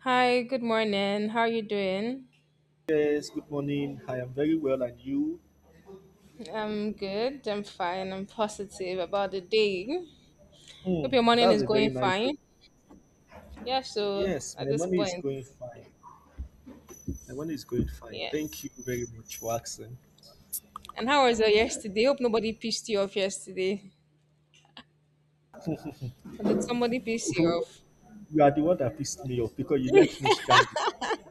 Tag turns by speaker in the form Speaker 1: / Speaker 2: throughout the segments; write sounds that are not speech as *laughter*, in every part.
Speaker 1: Hi, good morning. How are you doing?
Speaker 2: Yes, good morning. I am very well, and you?
Speaker 1: I'm good. I'm fine. I'm positive about the day. Hope
Speaker 2: Hmm,
Speaker 1: your morning
Speaker 2: that's
Speaker 1: is
Speaker 2: a very
Speaker 1: going
Speaker 2: nice one.
Speaker 1: fine. Yeah, so
Speaker 2: Yes,
Speaker 1: at
Speaker 2: my
Speaker 1: this
Speaker 2: money is
Speaker 1: point,
Speaker 2: going fine. My money is going fine.
Speaker 1: yeah.
Speaker 2: Thank you very much for asking.
Speaker 1: And how was your yesterday? Hope nobody pissed you off yesterday. Or did somebody piss you
Speaker 2: You
Speaker 1: off?
Speaker 2: you are the one that pissed me off because you left me stranded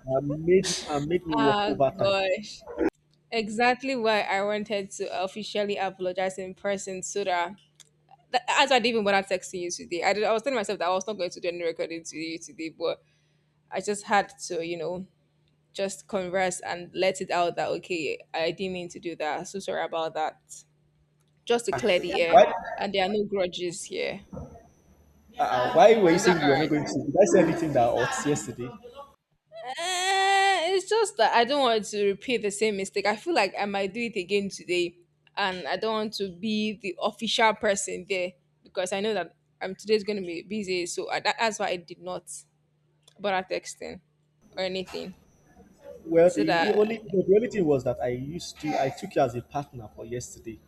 Speaker 2: and made me work
Speaker 1: Ah,
Speaker 2: overtime.
Speaker 1: gosh. Exactly why I wanted to officially apologize in person so that's I didn't even bother texting you today. I was telling myself that I was not going to do any recording to you today, but I just had to, just converse and let it out that okay, I didn't mean to do that. So sorry about that. Just to clear the air,
Speaker 2: Why?
Speaker 1: and there are no grudges here.
Speaker 2: Why were you
Speaker 1: Is that
Speaker 2: saying you
Speaker 1: all
Speaker 2: were
Speaker 1: right?
Speaker 2: not going to? Did I say anything that hurts yesterday?
Speaker 1: It's just that I don't want to repeat the same mistake. I feel like I might do it again today, and I don't want to be the official person there because I know that today's going to be busy. So that's why I did not bother texting or anything.
Speaker 2: Well,
Speaker 1: So
Speaker 2: the
Speaker 1: that
Speaker 2: only the only thing was that I used to I took you as a partner for yesterday,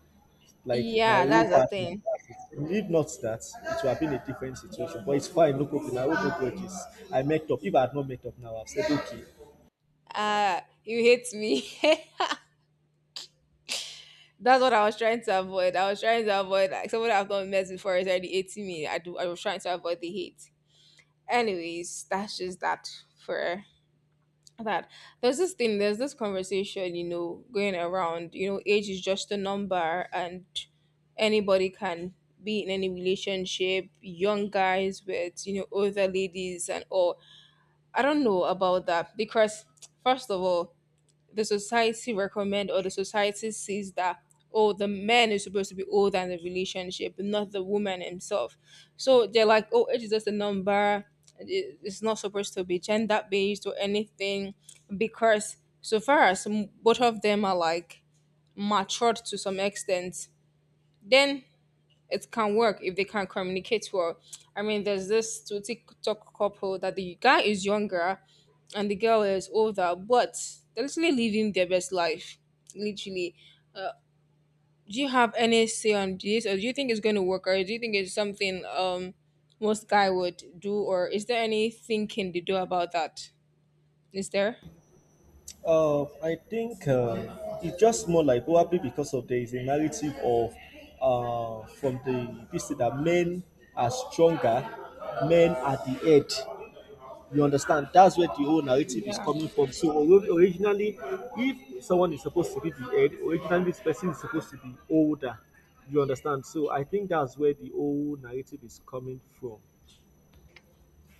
Speaker 2: like my
Speaker 1: yeah,
Speaker 2: real
Speaker 1: that's the
Speaker 2: partner.
Speaker 1: thing.
Speaker 2: If not that, it would have been a different situation. But it's fine, no problem. I hold no grudges. I messed up. If I had not messed up now, I've said okay.
Speaker 1: You hate me. *laughs* That's what I was trying to avoid. I was trying to avoid like someone I've not met before is already hating me. I do. I was trying to avoid the hate. Anyways, that's just that for that. There's this thing. There's this conversation. You know, going around. You know, age is just a number, and anybody can be in any relationship. Young guys with you know older ladies and all. I don't know about that because first of all, the society recommend or the society sees that oh the man is supposed to be older in the relationship, not the woman himself. So they're like, oh, age is just a number. It's not supposed to be gender based or anything, because so far as both of them are like matured to some extent, then it can work if they can communicate well. I mean, there's this two TikTok couple that the guy is younger and the girl is older, but they're literally living their best life. Literally. Uh, do you have any say on this, or do you think it's going to work, or do you think it's something most guy would do, or is there any thinking they do about that? Is there?
Speaker 2: I think it's just more like probably because of there is a narrative of from the this thing that men are stronger, men are the head. You understand? That's where the whole narrative is
Speaker 1: Yeah.
Speaker 2: coming from. So originally, if someone is supposed to be the head, originally this person is supposed to be older. You understand? So I think that's where the whole narrative is coming from.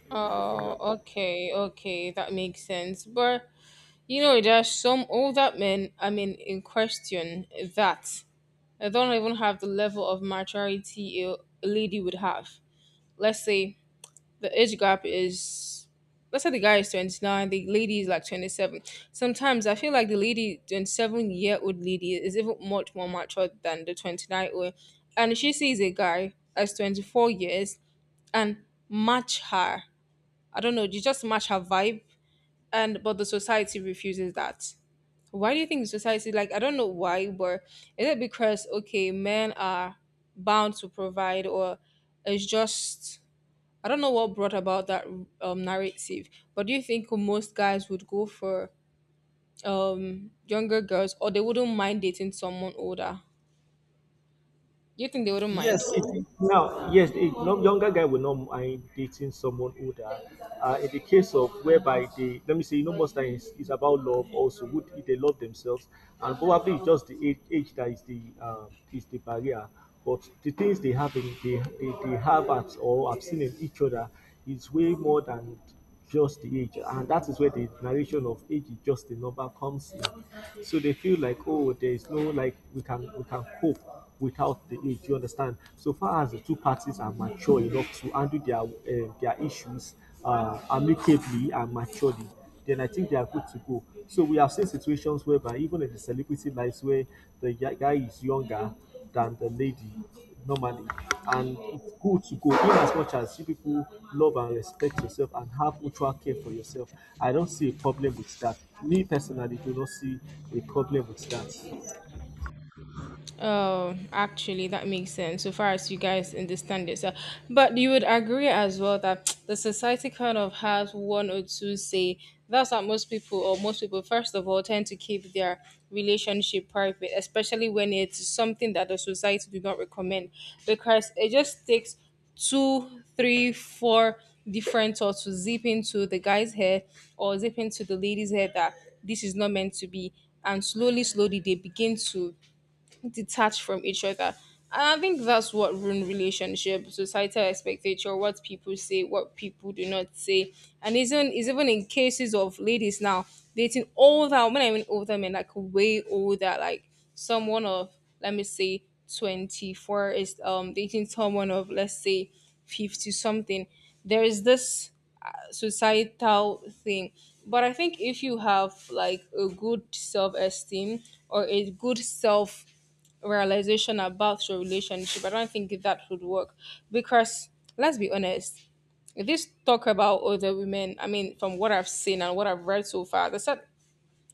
Speaker 1: Oh, okay, okay, that makes sense. But you know, there are some older men, I mean, in question that I don't even have the level of maturity a lady would have. Let's say the age gap is, let's say the guy is 29, the lady is like 27. Sometimes I feel like the lady, 27-year-old lady, is even much more mature than the 29 old. And she sees a guy as 24 years and match her. I don't know, you just match her vibe. And but the society refuses that, why do you think the society, like I don't know why, but is it because okay, men are bound to provide, or it's just I don't know what brought about that narrative. But do you think most guys would go for younger girls, or they wouldn't mind dating someone older? Do you think they wouldn't
Speaker 2: Yes,
Speaker 1: mind?
Speaker 2: it, now, yes, it, no, Younger guy will not mind dating someone older. In the case of whereby they, let me say, you know, most times it's about love also. Would if they love themselves, and probably it's just the age that is the barrier. But the things they have in they have at or have seen in each other is way more than just the age, and that is where the narration of age is just a number comes in. So they feel like, oh, there is no, like, we can cope without the age. You understand? So far as the two parties are mature enough to handle their issues amicably and maturely, then I think they are good to go. So we have seen situations whereby even in the celebrity lives where the guy is younger than the lady normally. And it's good to go in as much as you people love and respect yourself and have mutual care for yourself. I don't see a problem with that. Me personally do not see a problem with that.
Speaker 1: Oh, actually, that makes sense. So far as you guys understand it, so, but you would agree as well that *tsk* the society kind of has one or two say. That's what most people, or most people, first of all, tend to keep their relationship private, especially when it's something that the society do not recommend, because it just takes two, three, four different thoughts to zip into the guy's head or zip into the lady's head that this is not meant to be, and slowly, slowly they begin to detached from each other. And I think that's what ruin relationship, societal expectation, what people say, what people do not say. And isn't is even in cases of ladies now dating older, when I mean older men, like way older, like someone of let me say 24 is dating someone of let's say 50 something. There is this societal thing. But I think if you have like a good self esteem or a good self realization about your relationship. I don't think that would work because let's be honest. This talk about other women, I mean, from what I've seen and what I've read so far, there's,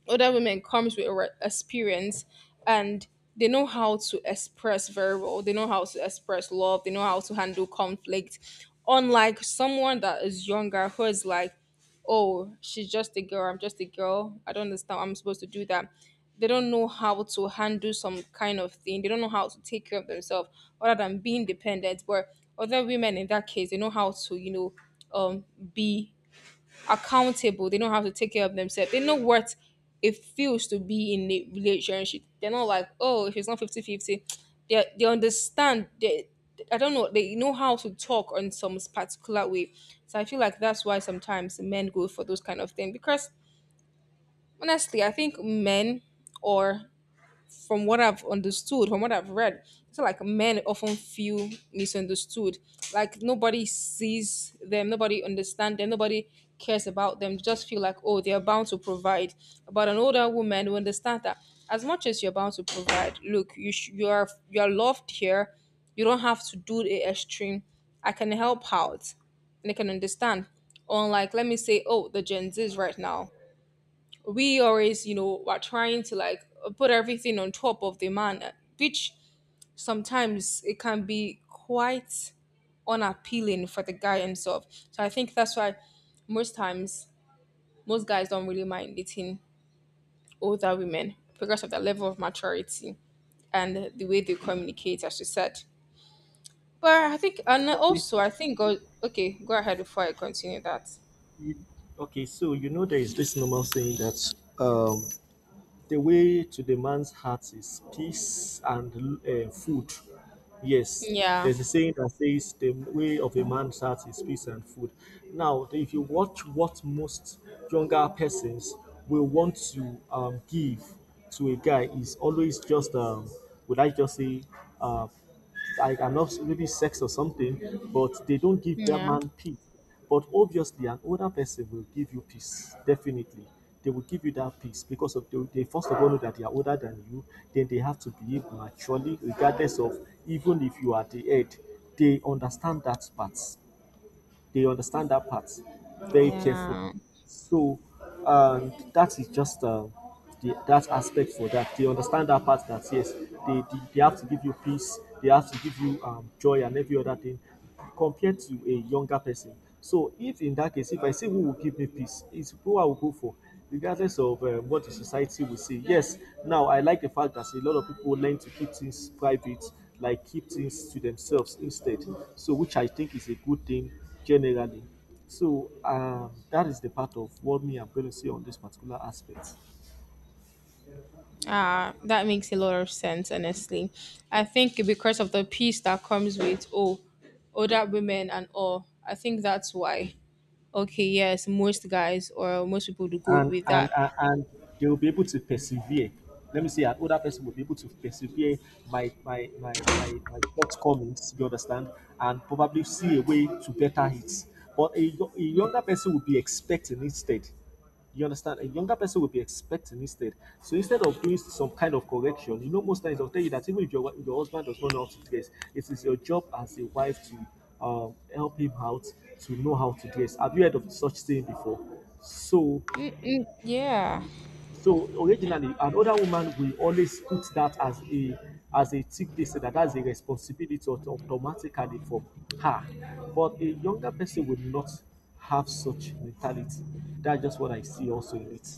Speaker 1: other women comes with experience, and they know how to express very well. They know how to express love. They know how to handle conflict, unlike someone that is younger who is like, oh she's just a girl, I'm just a girl, I don't understand why I'm supposed to do that. They don't know how to handle some kind of thing. They don't know how to take care of themselves other than being dependent. But other women in that case, they know how to, um be accountable. They know how to take care of themselves. They know what it feels to be in a relationship. They're not like, oh, if it's not 50 50, they understand. I don't know. They know how to talk on some particular way. So I feel like that's why sometimes men go for those kind of thing because honestly, I think men or from what I've understood, from what I've read, it's like men often feel misunderstood. Like nobody sees them, nobody understands them, nobody cares about them. They just feel like, oh, they're bound to provide. But an older woman will understand that as much as you're bound to provide, look, you are loved here. You don't have to do the extreme. I can help out, and they can understand. Unlike, let me say, oh, the Gen Zs right now we always you know are trying to like put everything on top of the man, which sometimes it can be quite unappealing for the guy himself. So I think that's why most times most guys don't really mind dating older women because of their level of maturity and the way they communicate, as you said. But I think, and
Speaker 2: Okay,
Speaker 1: also I think go okay go ahead before I continue that.
Speaker 2: you- okay so you know there is this normal saying that um the way to the man's heart is peace and food. Yes,
Speaker 1: Yeah
Speaker 2: there's a saying that says the way of a man's heart is peace and food. Now, if you watch what most younger persons will want to give to a guy is always just would I just say uh, I, I'm not, maybe sex or something, but they don't give that
Speaker 1: yeah
Speaker 2: man peace. But obviously, an older person will give you peace, definitely. They will give you that peace because of they first of all know that they are older than you, then they have to behave maturely, regardless of even if you are the head, they understand that part. They understand that part very carefully.
Speaker 1: yeah.
Speaker 2: So, and that is just that aspect for that. They understand that part, that yes, they have to give you peace, they have to give you joy and every other thing compared to a younger person. So, if in that case, if I say who will give me peace, it's who I will go for regardless of what the society will say. Yes, now I like the fact that a lot of people learn to keep things private, like keep things to themselves instead. So, which I think is a good thing generally. So, that is the part of what me I'm going to say on this particular aspect.
Speaker 1: Ah, that makes a lot of sense, honestly. I think because of the peace that comes with oh, older women and all, I think that's why. Okay, yes, most guys or most people do go
Speaker 2: and
Speaker 1: with
Speaker 2: and
Speaker 1: that.
Speaker 2: and, and they will be able to persevere. Let me say, an older person will be able to persevere my shortcomings. You understand, and probably see a way to better it. But a younger person will be expecting instead. You understand? A younger person will be expecting instead. So instead of doing some kind of correction, you know, most times they'll tell you that even if your husband does not know how to dress, it is your job as a wife to help him out to know how to dress. Have you heard of such thing before? So
Speaker 1: Mm, yeah.
Speaker 2: so originally, an older woman will always put that as a tick, they say that that's a responsibility automatically from her. But a younger person will not have such mentality. That's just what I see also in it.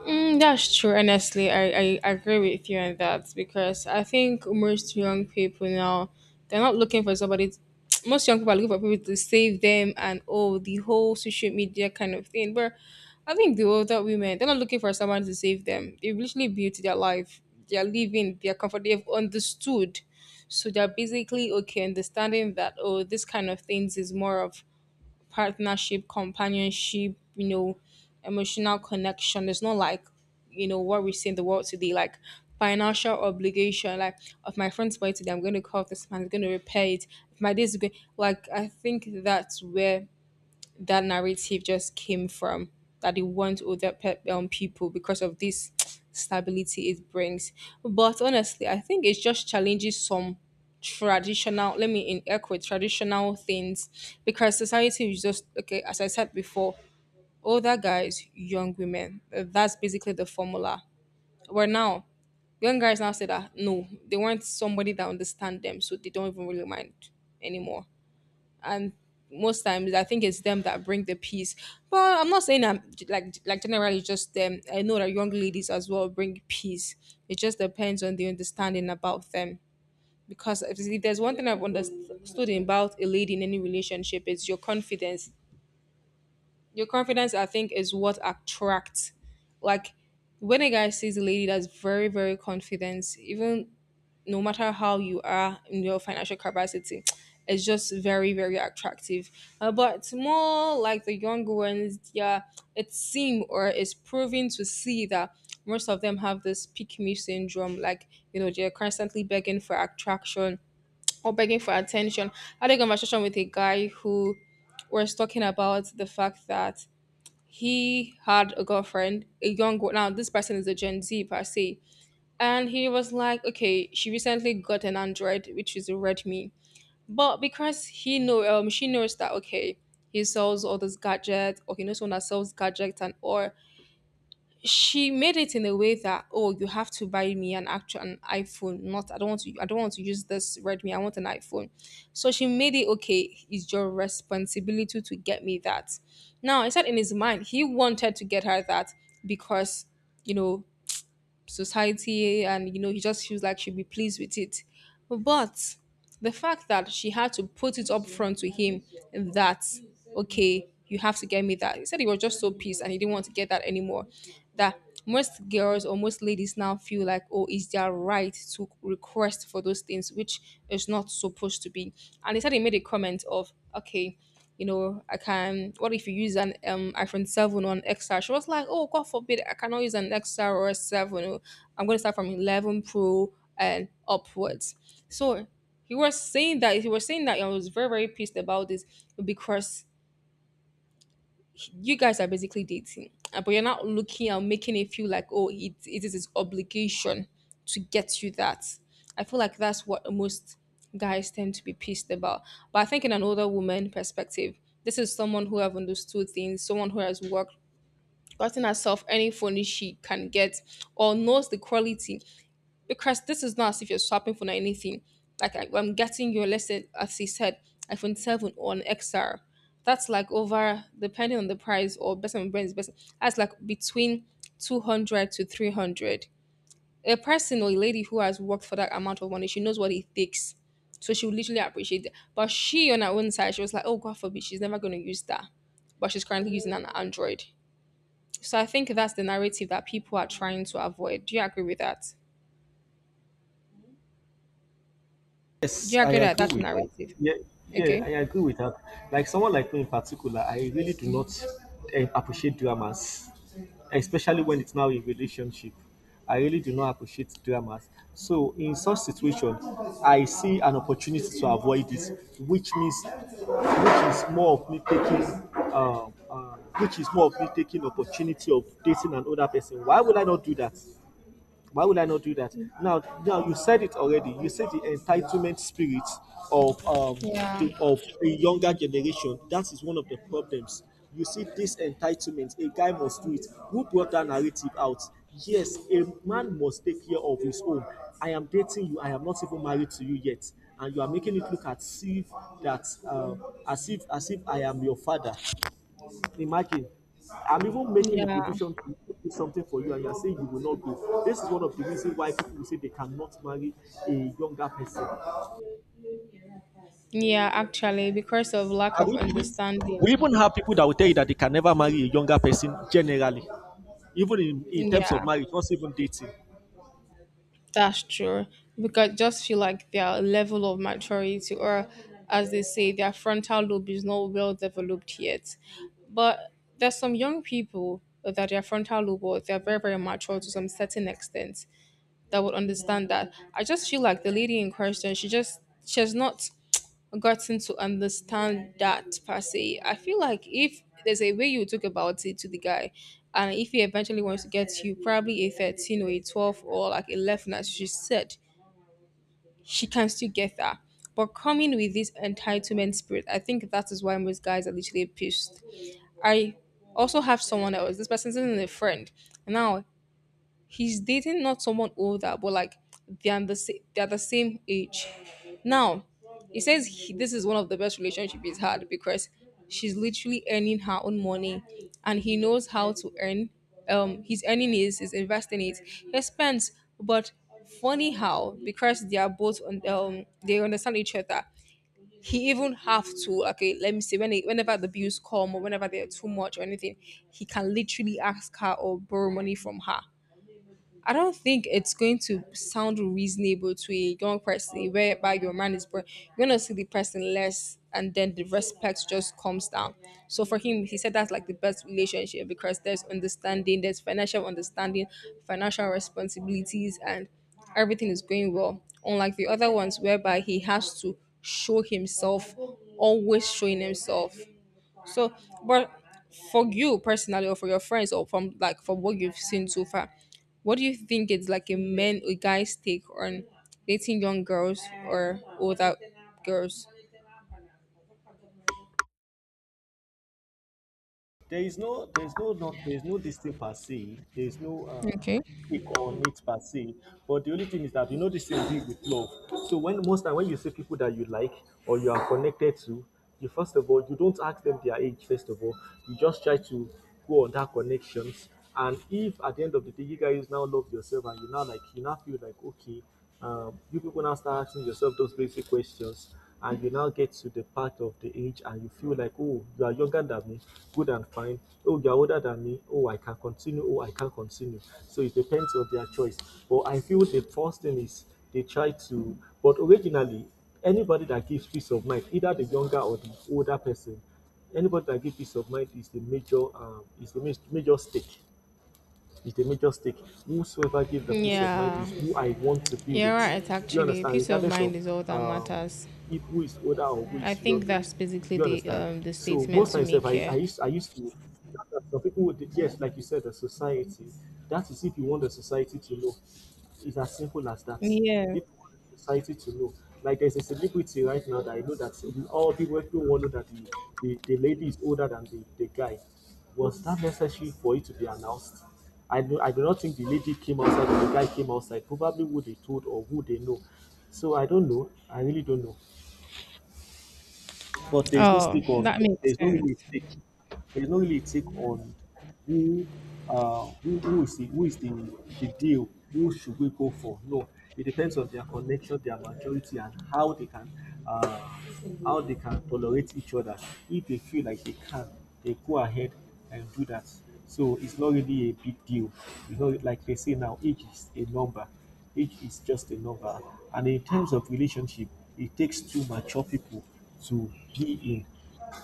Speaker 1: Mm, that's true. Honestly, I agree with you on that because I think most young people now they're not looking for somebody. *tsk* Most young people are looking for people to save them and oh the whole social media kind of thing. But I think the older women they're not looking for someone to save them. They've literally built their life. They're living. They're comfortable. They've understood. So they're basically okay understanding that oh this kind of things is more of partnership, companionship, you know, emotional connection. It's not like, you know, what we see in the world today, like financial obligation. Like, if my friend's spoil today, I'm going to call this man, he's going to repair it. If my day's good, like, I think that's where that narrative just came from that they want older people because of this *tsk* stability it brings. But honestly, I think it just challenges some traditional, let me in air quote, traditional things because society is just, okay, as I said before, older guys, young women. That's basically the formula. Where now, young guys now say that no, they want somebody that understand them, so they don't even really mind anymore, and most times I think it's them that bring the peace. But I'm not saying I'm like generally just them. I know that young ladies as well bring peace. It just depends on the understanding about them. Because if there's one thing I've understood about a lady in any relationship, it's your confidence. Your confidence, I think, is what attracts. Like when a guy sees a lady that's very, very confident, even no matter how you are in your financial capacity, *tsk* it's just very, very attractive. But more like the younger ones, yeah, it seem or it's proven to see that most of them have this pick me syndrome. Like, you know, they're constantly begging for attraction or begging for attention. I had a conversation with a guy who was talking about the fact that he had a girlfriend, a young girl. Now, this person is a Gen Z per se and he was like, okay, she recently got an Android, which is a Redmi. But because he know, she knows that, okay, he sells all those gadgets, or he knows someone that sells gadgets. And or she made it in a way that, oh, you have to buy me an iPhone. Not I don't want to use this Redmi. I want an iPhone. So she made it, okay, it's your responsibility to get me that. Now, I said in his mind he wanted to get her that because, you know society, and he just feels like she'll be pleased with it, but the fact that she had to put it up front to him that, okay, you have to get me that, he said he was just so pissed, and he didn't want to get that anymore, that most girls or most ladies now feel like, oh, it's their right to request for those things, which is not supposed to be. And he said he made a comment of, okay, I can what if you use an iPhone 7 on xr. She was like, oh, God forbid, I cannot use an XR or a 7. Oh, I'm going to start from 11 pro and upwards. So he was saying that I was very very pissed about this, because you guys are basically dating, but you're not looking and making it feel like, oh, it is his obligation to get you that. I feel like that's what most guys tend to be pissed about. But I think in an older woman perspective, this is someone who have understood things, someone who has worked, gotten herself any furnish she can get, or knows the quality, because this is not as if you're swapping for anything. Like I'm getting your, let's say, as he said, iPhone 7 or an XR. That's like over, depending on the price or best on brands, best, that's like between 200 to 300. A person or a lady who has worked for that amount of money, she knows what it takes. So she would literally appreciate it. But she, on her own side, she was like, oh, God forbid, she's never going to use that. But she's currently using an Android. So I think that's the narrative that people are trying to avoid. Do you agree with that? Do
Speaker 2: Yes,
Speaker 1: you
Speaker 2: I
Speaker 1: agree that
Speaker 2: agree
Speaker 1: that's a
Speaker 2: with that.
Speaker 1: narrative?
Speaker 2: Yeah, yeah,
Speaker 1: Okay.
Speaker 2: I agree with that. Like someone like me in particular, I really do not appreciate dramas, especially when it's now in relationship. I really do not appreciate dramas. So in such situation, I see an opportunity to avoid it, which means, which is more of me taking opportunity of dating another person. Why would I not do that? Why would I not do that? Now, you said it already. You said the entitlement spirit of
Speaker 1: Yeah.
Speaker 2: of the younger generation. That is one of the problems. You see this entitlement. A guy must do it. Who brought that narrative out? Yes, a man must take care of his own. I am dating you. I am not even married to you yet, and you are making it look as if as if I am your father. Imagine, I'm even making a
Speaker 1: Yeah.
Speaker 2: provision to do something for you, and you're saying you will not go. This is one of the reasons why people will say they cannot marry a younger person.
Speaker 1: Yeah, actually, because of lack
Speaker 2: And
Speaker 1: of
Speaker 2: we, we,
Speaker 1: understanding.
Speaker 2: we even have people that will tell you that they can never marry a younger person generally, even in terms of
Speaker 1: Yeah,
Speaker 2: marriage, not even dating.
Speaker 1: that's true. Because just feel like their level of maturity or, as they say, their frontal lobe is not well developed yet. But there's some young people that their frontal lobe, or they're very, very mature to some certain extent, that would understand that. I just feel like the lady in question, she has not gotten to understand that per se. I feel like if there's a way you talk about it to the guy, and if he eventually wants to get you probably a 13 or a 12 or like 11, as she said, she can still get that. But coming with this entitlement spirit, I think that is why most guys are literally pissed. I also have someone else. This person isn't a friend. Now, he's dating not someone older, but like they're the same age. Now, he says this is one of the best relationships he's had, because she's literally earning her own money, and he knows how to earn. He's he's investing it, he spends. But funny how, because they are both on they understand each other. He even have to, okay, let me see whenever the bills come or whenever they're too much or anything, he can literally ask her or borrow money from her. I don't think it's going to sound reasonable to a young person whereby your man is born. You're gonna see the person less, and then the respect just comes down. So for him, he said that's like the best relationship because there's understanding, there's financial understanding, financial responsibilities, and everything is going well. Unlike the other ones, whereby he has to show himself, always showing himself. So, but for you personally, or for your friends, or from what you've seen so far, what do you think it's like a man, a guy's take on dating young girls or older girls?
Speaker 2: There is no this thing per se. There is no
Speaker 1: Okay.
Speaker 2: pick on it per se. But the only thing is that you know this thing big with love. So when most time when you see people that you like or you are connected to, you first of all you don't ask them their age. First of all, you just try to go on that connections. And if at the end of the day you guys now love yourself and you now like you now feel like okay, you people now start asking yourself those basic questions, and you now get to the part of the age, and you feel like, oh, you are younger than me, good and fine. Oh, you are older than me. Oh, I can continue. Oh, I can continue. So it depends on their choice. But I feel the first thing is they try to, but originally, anybody that gives peace of mind, either the younger or the older person, anybody that gives peace of mind is the major stake is the major stake. Whosoever gave the peace of mind
Speaker 1: Yeah,
Speaker 2: is who I want to be
Speaker 1: you're
Speaker 2: with.
Speaker 1: right.
Speaker 2: Do you
Speaker 1: Actually,
Speaker 2: understand?
Speaker 1: peace of
Speaker 2: Regardless
Speaker 1: mind
Speaker 2: of
Speaker 1: is all that
Speaker 2: um,
Speaker 1: matters.
Speaker 2: if who is older or who
Speaker 1: I
Speaker 2: is
Speaker 1: think
Speaker 2: younger.
Speaker 1: that's
Speaker 2: Do
Speaker 1: basically
Speaker 2: you
Speaker 1: the
Speaker 2: understand?
Speaker 1: um the
Speaker 2: So
Speaker 1: statement
Speaker 2: most
Speaker 1: to
Speaker 2: times,
Speaker 1: make here.
Speaker 2: I used to, some people would, yes, like you said, the society. That is if you want the society to know. It's as simple as that.
Speaker 1: Yeah.
Speaker 2: If society to know. Like there's a celebrity right now that I know that all people everyone know that the lady is older than the guy. Was that necessary for it to be announced? I do not think the lady came outside or the guy came outside. Probably who they told or who they know. So I don't know. I really don't know, but there is no
Speaker 1: Oh,
Speaker 2: stick on.
Speaker 1: that
Speaker 2: There
Speaker 1: makes
Speaker 2: is no
Speaker 1: sense.
Speaker 2: really a take. There is no really a take on who, who is the the deal. Who should we go for? No, it depends on their connection, their maturity, and uh, how they can tolerate each other. If they feel like they can, they go ahead and do that. So it's not really a big deal. It's not like they say now, age is a number. Age is just a number. And in terms of relationship, it takes two mature people to be in.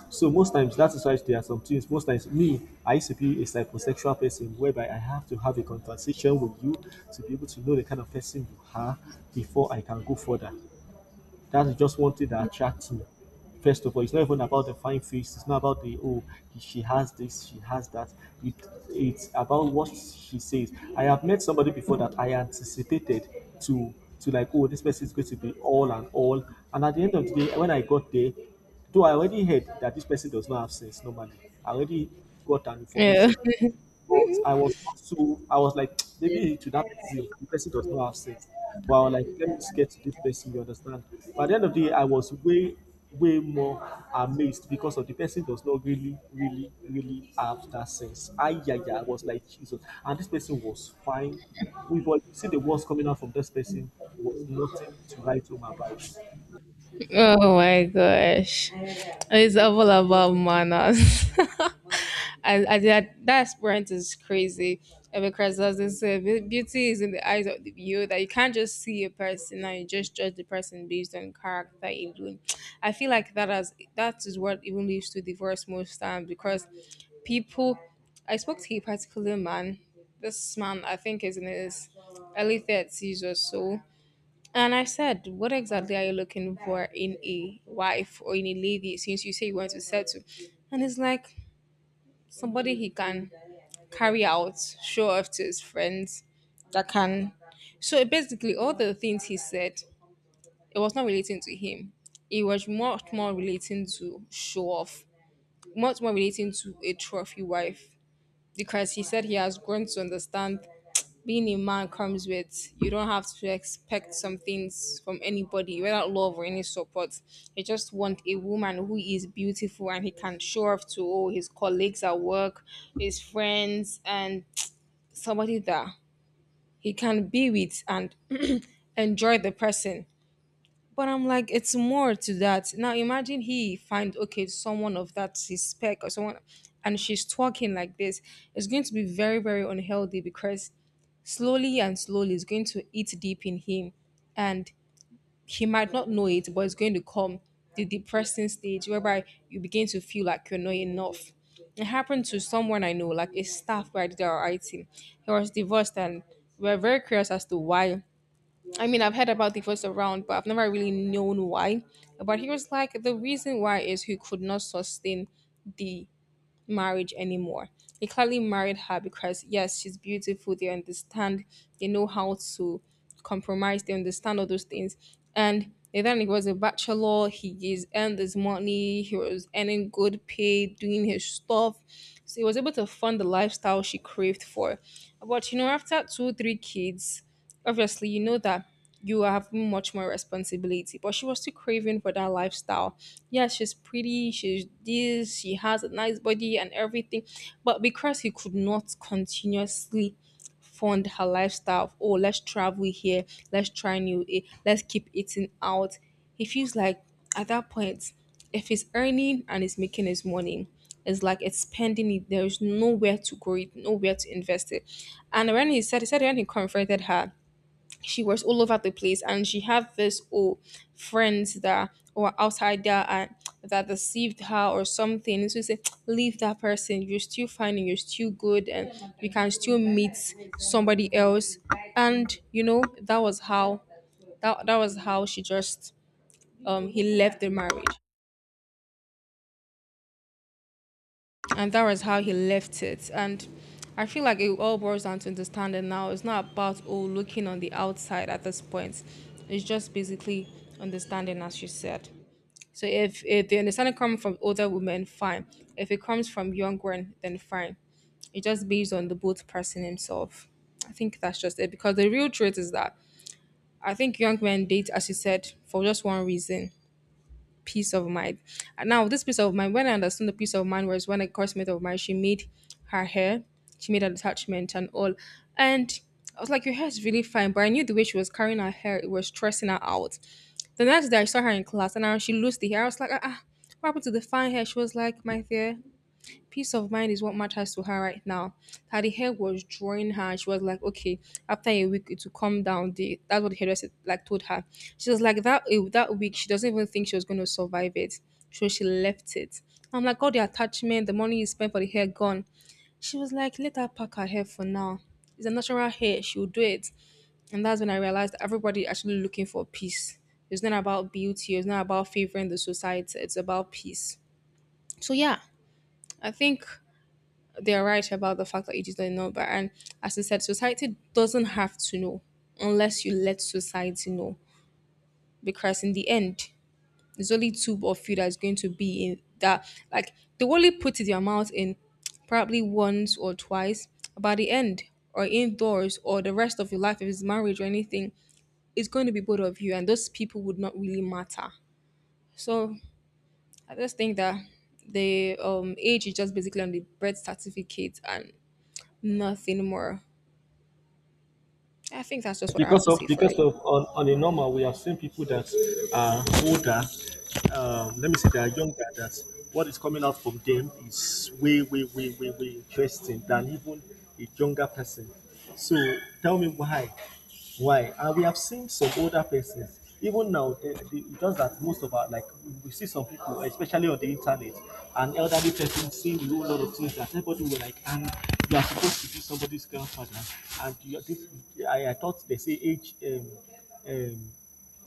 Speaker 2: So most times that is why there are some things. Most times, me, I, used to be a psychosexual person whereby I have to have a conversation with you to be able to know the kind of person you are before I can go further. That is just one thing that attracts me. First of all, it's not even about the fine face. It's not about the oh she has this, she has that. It it's about what she says. I have met somebody before that I anticipated to to like oh this person is going to be all. And at the end of the day, when I got there, though I already heard that this person does not have sense normally. I already got an
Speaker 1: Yeah.
Speaker 2: information, but
Speaker 1: *laughs*
Speaker 2: I was not, so I was like *tsk* maybe to that person the person does not have sense. But I was like, let me just get to this person, you understand? But at the end of the day, I was way, way more amazed because of the person does not really, really, really have that sense. I yeah, yeah, I was like Jesus. And this person was fine. We but you see the words coming out from this person was nothing to write home about.
Speaker 1: Oh my gosh. It's all about manners. *laughs* And that experience is crazy. And because, as they say, beauty is in the eyes of the beholder. You can't just see a person and you just judge the person based on character alone. I feel like that is what even leads to divorce most times, because people I spoke to a particular man. This man I think is in his early 30s or so, and I said, what exactly are you looking for in a wife or in a lady since you say you want to settle? And it's like somebody he can carry out, show off to his friends, that can. So basically, all the things he said, it was not relating to him. It was much more relating to show off, much more relating to a trophy wife, because he said he has grown to understand being a man comes with, you don't have to expect some things from anybody without love or any support, you just want a woman who is beautiful and he can show off to all his colleagues at work, his friends, and somebody that he can be with and enjoy the person. But I'm like, it's more to that. Now imagine he find, okay, someone of that his spec or someone, and she's talking like this. It's going to be very very unhealthy, because slowly and slowly it's going to eat deep in him, and he might not know it, but it's going to come the depressing stage whereby you begin to feel like you're not enough. It happened to someone I know, like a staff where I did our IT. He was divorced, and we were very curious as to why. I mean, I've heard about the first round, but I've never really known why. But he was like, the reason why is he could not sustain the marriage anymore. He clearly married her because, yes, she's beautiful. They understand, they know how to compromise, they understand all those things. And then he was a bachelor, he is earned his money, he was earning good pay, doing his stuff. So he was able to fund the lifestyle she craved for. But, after two, three kids, obviously, you know that you are having much more responsibility, but she was still craving for that lifestyle. Yes, she's pretty, she's this, she has a nice body and everything, but because he could not continuously fund her lifestyle of, oh, let's travel here, let's try new, let's keep eating out. He feels like at that point, if he's earning and he's making his money, it's like it's spending it. There is nowhere to grow it, nowhere to invest it. And he said when he confronted her, she was all over the place, and she had this, oh, friends that were outside there, and that deceived her or something, so she said, leave that person, you're still fine and you're still good, and you can still meet somebody else. And that was how, that was how she just he left the marriage, and that was how he left it. And I feel like it all boils down to understanding. Now it's not about, oh, looking on the outside at this point, it's just basically understanding, as you said. So if the understanding comes from older women, fine. If it comes from young women, then fine. It just based on the both person himself. I think that's just it, because the real truth is that I think young men date, as you said, for just one reason: peace of mind. And now, this peace of mind, when I understood the peace of mind was when a classmate of mine, she made her hair, she made an attachment and all. And I was like, your hair is really fine, but I knew the way she was carrying her hair, it was stressing her out. The next day, I saw her in class, and now she lost the hair. I was like, ah, ah, what happened to the fine hair? She was like, my dear, peace of mind is what matters to her right now. That the hair was drawing her. She was like, okay, after a week it will come down. That's what the hairdresser like told her. She was like that, that week. She doesn't even think she was going to survive it, so she left it. I'm like, all the attachment, the money you spent for the hair gone. She was like, let her pack her hair for now. It's a natural hair. She'll do it. And that's when I realized that everybody actually looking for peace. It's not about beauty. It's not about favoring the society. It's about peace. So yeah, I think they are right about the fact that you just don't know. But and as I said, society doesn't have to know unless you let society know. Because in the end, there's only two of you that's going to be in that. Like they will only put their mouth in probably once or twice. By the end, or indoors, or the rest of your life, if it's marriage or anything, it's going to be both of you, and those people would not really matter. So I just think that the age is just basically on the birth certificate and nothing more. I think that's just
Speaker 2: Yes,
Speaker 1: what I have
Speaker 2: because
Speaker 1: to
Speaker 2: of
Speaker 1: say for
Speaker 2: because
Speaker 1: it.
Speaker 2: of on a normal we have seen people that are older. Let me say they are younger. That what is coming out from them is way way way way way interesting than even a younger person. So tell me why, why? And we have seen some older persons even now, just that most of our, like, we see some people, especially on the internet, an elderly person seeing a whole lot of things that everybody will like, and you are supposed to be somebody's grandfather. And you, this, I thought they say age um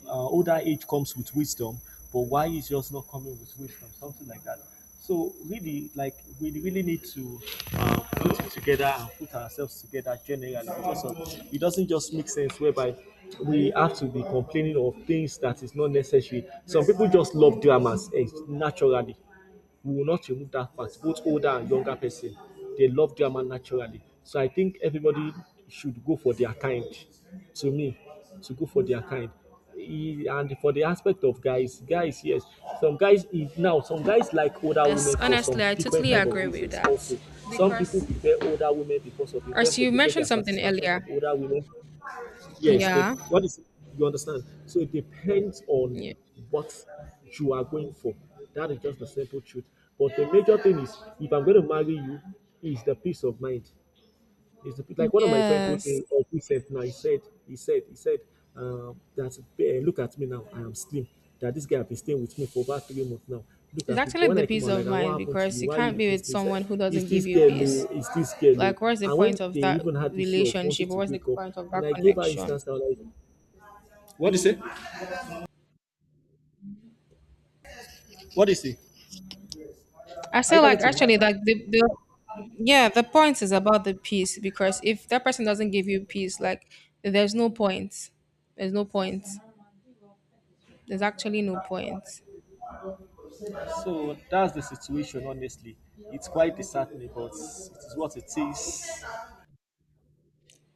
Speaker 2: older age comes with wisdom, but why is yours not coming with wisdom? Something like that. So really, like we really need to put it together and put ourselves together generally. Because of, it doesn't just make sense whereby we have to be complaining of things that is not necessary. Some people just love dramas, naturally. We will not remove that part. Both older and younger person, they love drama naturally. So I think everybody should go for their kind. To me, to go for their kind. And for the aspect of guys, yes, some guys like older
Speaker 1: Yes,
Speaker 2: women for
Speaker 1: honestly,
Speaker 2: some
Speaker 1: I
Speaker 2: different
Speaker 1: totally
Speaker 2: kind of
Speaker 1: agree with
Speaker 2: reasons.
Speaker 1: that.
Speaker 2: Also, some people
Speaker 1: Because
Speaker 2: prefer older women because of, in
Speaker 1: as
Speaker 2: terms of,
Speaker 1: you
Speaker 2: they get
Speaker 1: mentioned
Speaker 2: their
Speaker 1: something
Speaker 2: satisfaction
Speaker 1: earlier,
Speaker 2: from older women. Yes, they,
Speaker 1: yeah,
Speaker 2: what is, you understand? So it depends on
Speaker 1: yeah.
Speaker 2: what you are going for. That is just the simple truth. But the major thing is, if I'm going to marry you, is the peace of mind. It's the, like one of my friends told
Speaker 1: Yes.
Speaker 2: me of recent. Now he said, he said, that look at me now, I am slim. That this guy have been staying with me for about 3 months now. Look
Speaker 1: It's
Speaker 2: at me. Because
Speaker 1: actually
Speaker 2: when
Speaker 1: the
Speaker 2: I came
Speaker 1: peace
Speaker 2: out,
Speaker 1: of
Speaker 2: like, "And what
Speaker 1: mind
Speaker 2: happened to
Speaker 1: because
Speaker 2: you?
Speaker 1: you
Speaker 2: Why are you
Speaker 1: can't be
Speaker 2: looking
Speaker 1: with
Speaker 2: slim?" He said,
Speaker 1: someone who
Speaker 2: Is
Speaker 1: doesn't give
Speaker 2: this
Speaker 1: you
Speaker 2: girl low?
Speaker 1: peace.
Speaker 2: Is this girl low?
Speaker 1: Like, what's the
Speaker 2: And when
Speaker 1: point of
Speaker 2: they
Speaker 1: that
Speaker 2: even had the issue of wanting
Speaker 1: relationship?
Speaker 2: to
Speaker 1: What's the
Speaker 2: break up,
Speaker 1: point of that
Speaker 2: and I gave her
Speaker 1: connection?
Speaker 2: instance, I was like, What is it? What is it?
Speaker 1: I
Speaker 2: Are you
Speaker 1: feel
Speaker 2: talking
Speaker 1: like
Speaker 2: to me?
Speaker 1: actually, like the yeah, the point is about the peace because if that person doesn't give you peace, like there's no point. There's no point. There's actually no point.
Speaker 2: So that's the situation, honestly. It's quite disheartening, but it is what it is.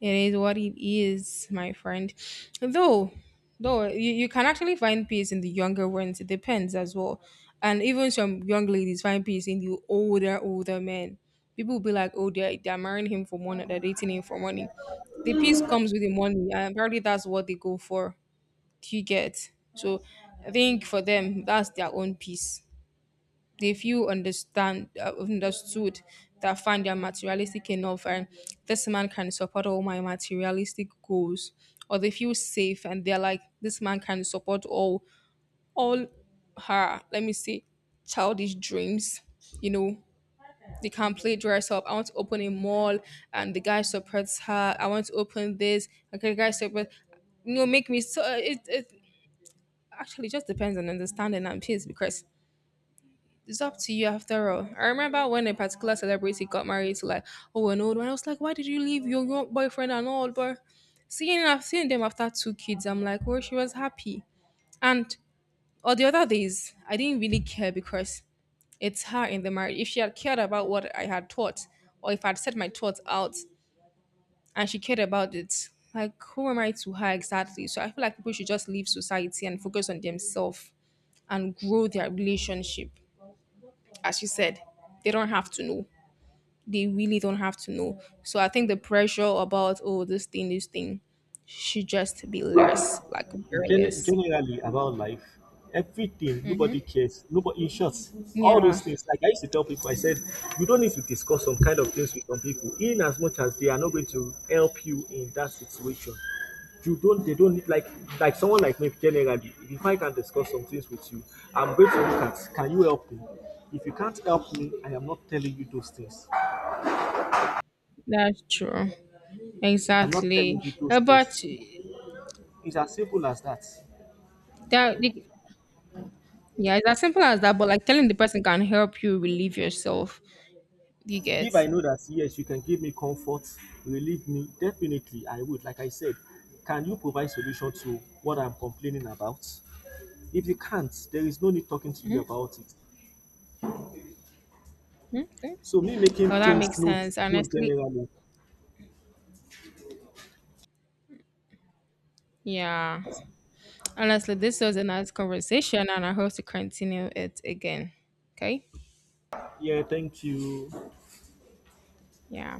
Speaker 1: It is what it is, my friend. Though, though you can actually find peace in the younger ones. It depends as well. And even some young ladies find peace in the older men. People will be like, oh, they're marrying him for money, they're dating him for money. The peace comes with the money, and probably that's what they go for. Do you get? So I think for them, that's their own peace they feel understand understood that find their materialistic enough and this man can support all my materialistic goals or they feel safe and they're like this man can support all her let me say childish dreams, you know, they can play dress up. I want to open a mall and the guy supports her. I want to open this. Okay, the guy supports, you know, make me. So it actually just depends on understanding and pace because it's up to you after all. I remember when a particular celebrity got married to like oh an old one. I was like, why did you leave your young boyfriend and all? But seeing I've seen them after two kids, I'm like, well, she was happy. And on the other days, I didn't really care because it's her in the marriage. If she had cared about what I had thought, or if I'd said my thoughts out and she cared about it, like who am I to her exactly? So I feel like people should just leave society and focus on themselves and grow their relationship. As you said, they don't have to know. They really don't have to know. So I think the pressure about oh this thing should just be less, like very less.
Speaker 2: Generally about life, everything, nobody
Speaker 1: Hmm.
Speaker 2: cares, nobody, in short, all
Speaker 1: Yeah,
Speaker 2: those things, like I used to tell people, I said, you don't need to discuss some kind of things with some people, in as much as they are not going to help you in that situation. You don't They don't need, like, someone like me generally, if I can discuss some things with you, I'm going to look at, can you help me? If you can't help me, I am not telling you those things.
Speaker 1: that's true.
Speaker 2: I'm not
Speaker 1: Exactly.
Speaker 2: telling you those
Speaker 1: But
Speaker 2: things. It's as simple as that.
Speaker 1: that the- yeah, it's as simple as that. But like telling the person can help you relieve yourself. You get.
Speaker 2: If I know that yes, you can give me comfort, relieve me, definitely I would. Like I said, can you provide solution to what I'm complaining about? If you can't, there is no need talking to you
Speaker 1: Mhm.
Speaker 2: about it.
Speaker 1: Okay.
Speaker 2: So me making
Speaker 1: Well, that
Speaker 2: things
Speaker 1: makes
Speaker 2: known,
Speaker 1: sense.
Speaker 2: known
Speaker 1: Honestly,
Speaker 2: generally.
Speaker 1: yeah. Honestly, this was a nice conversation, and I hope to continue it again. Okay.
Speaker 2: Yeah, thank you.
Speaker 1: Yeah.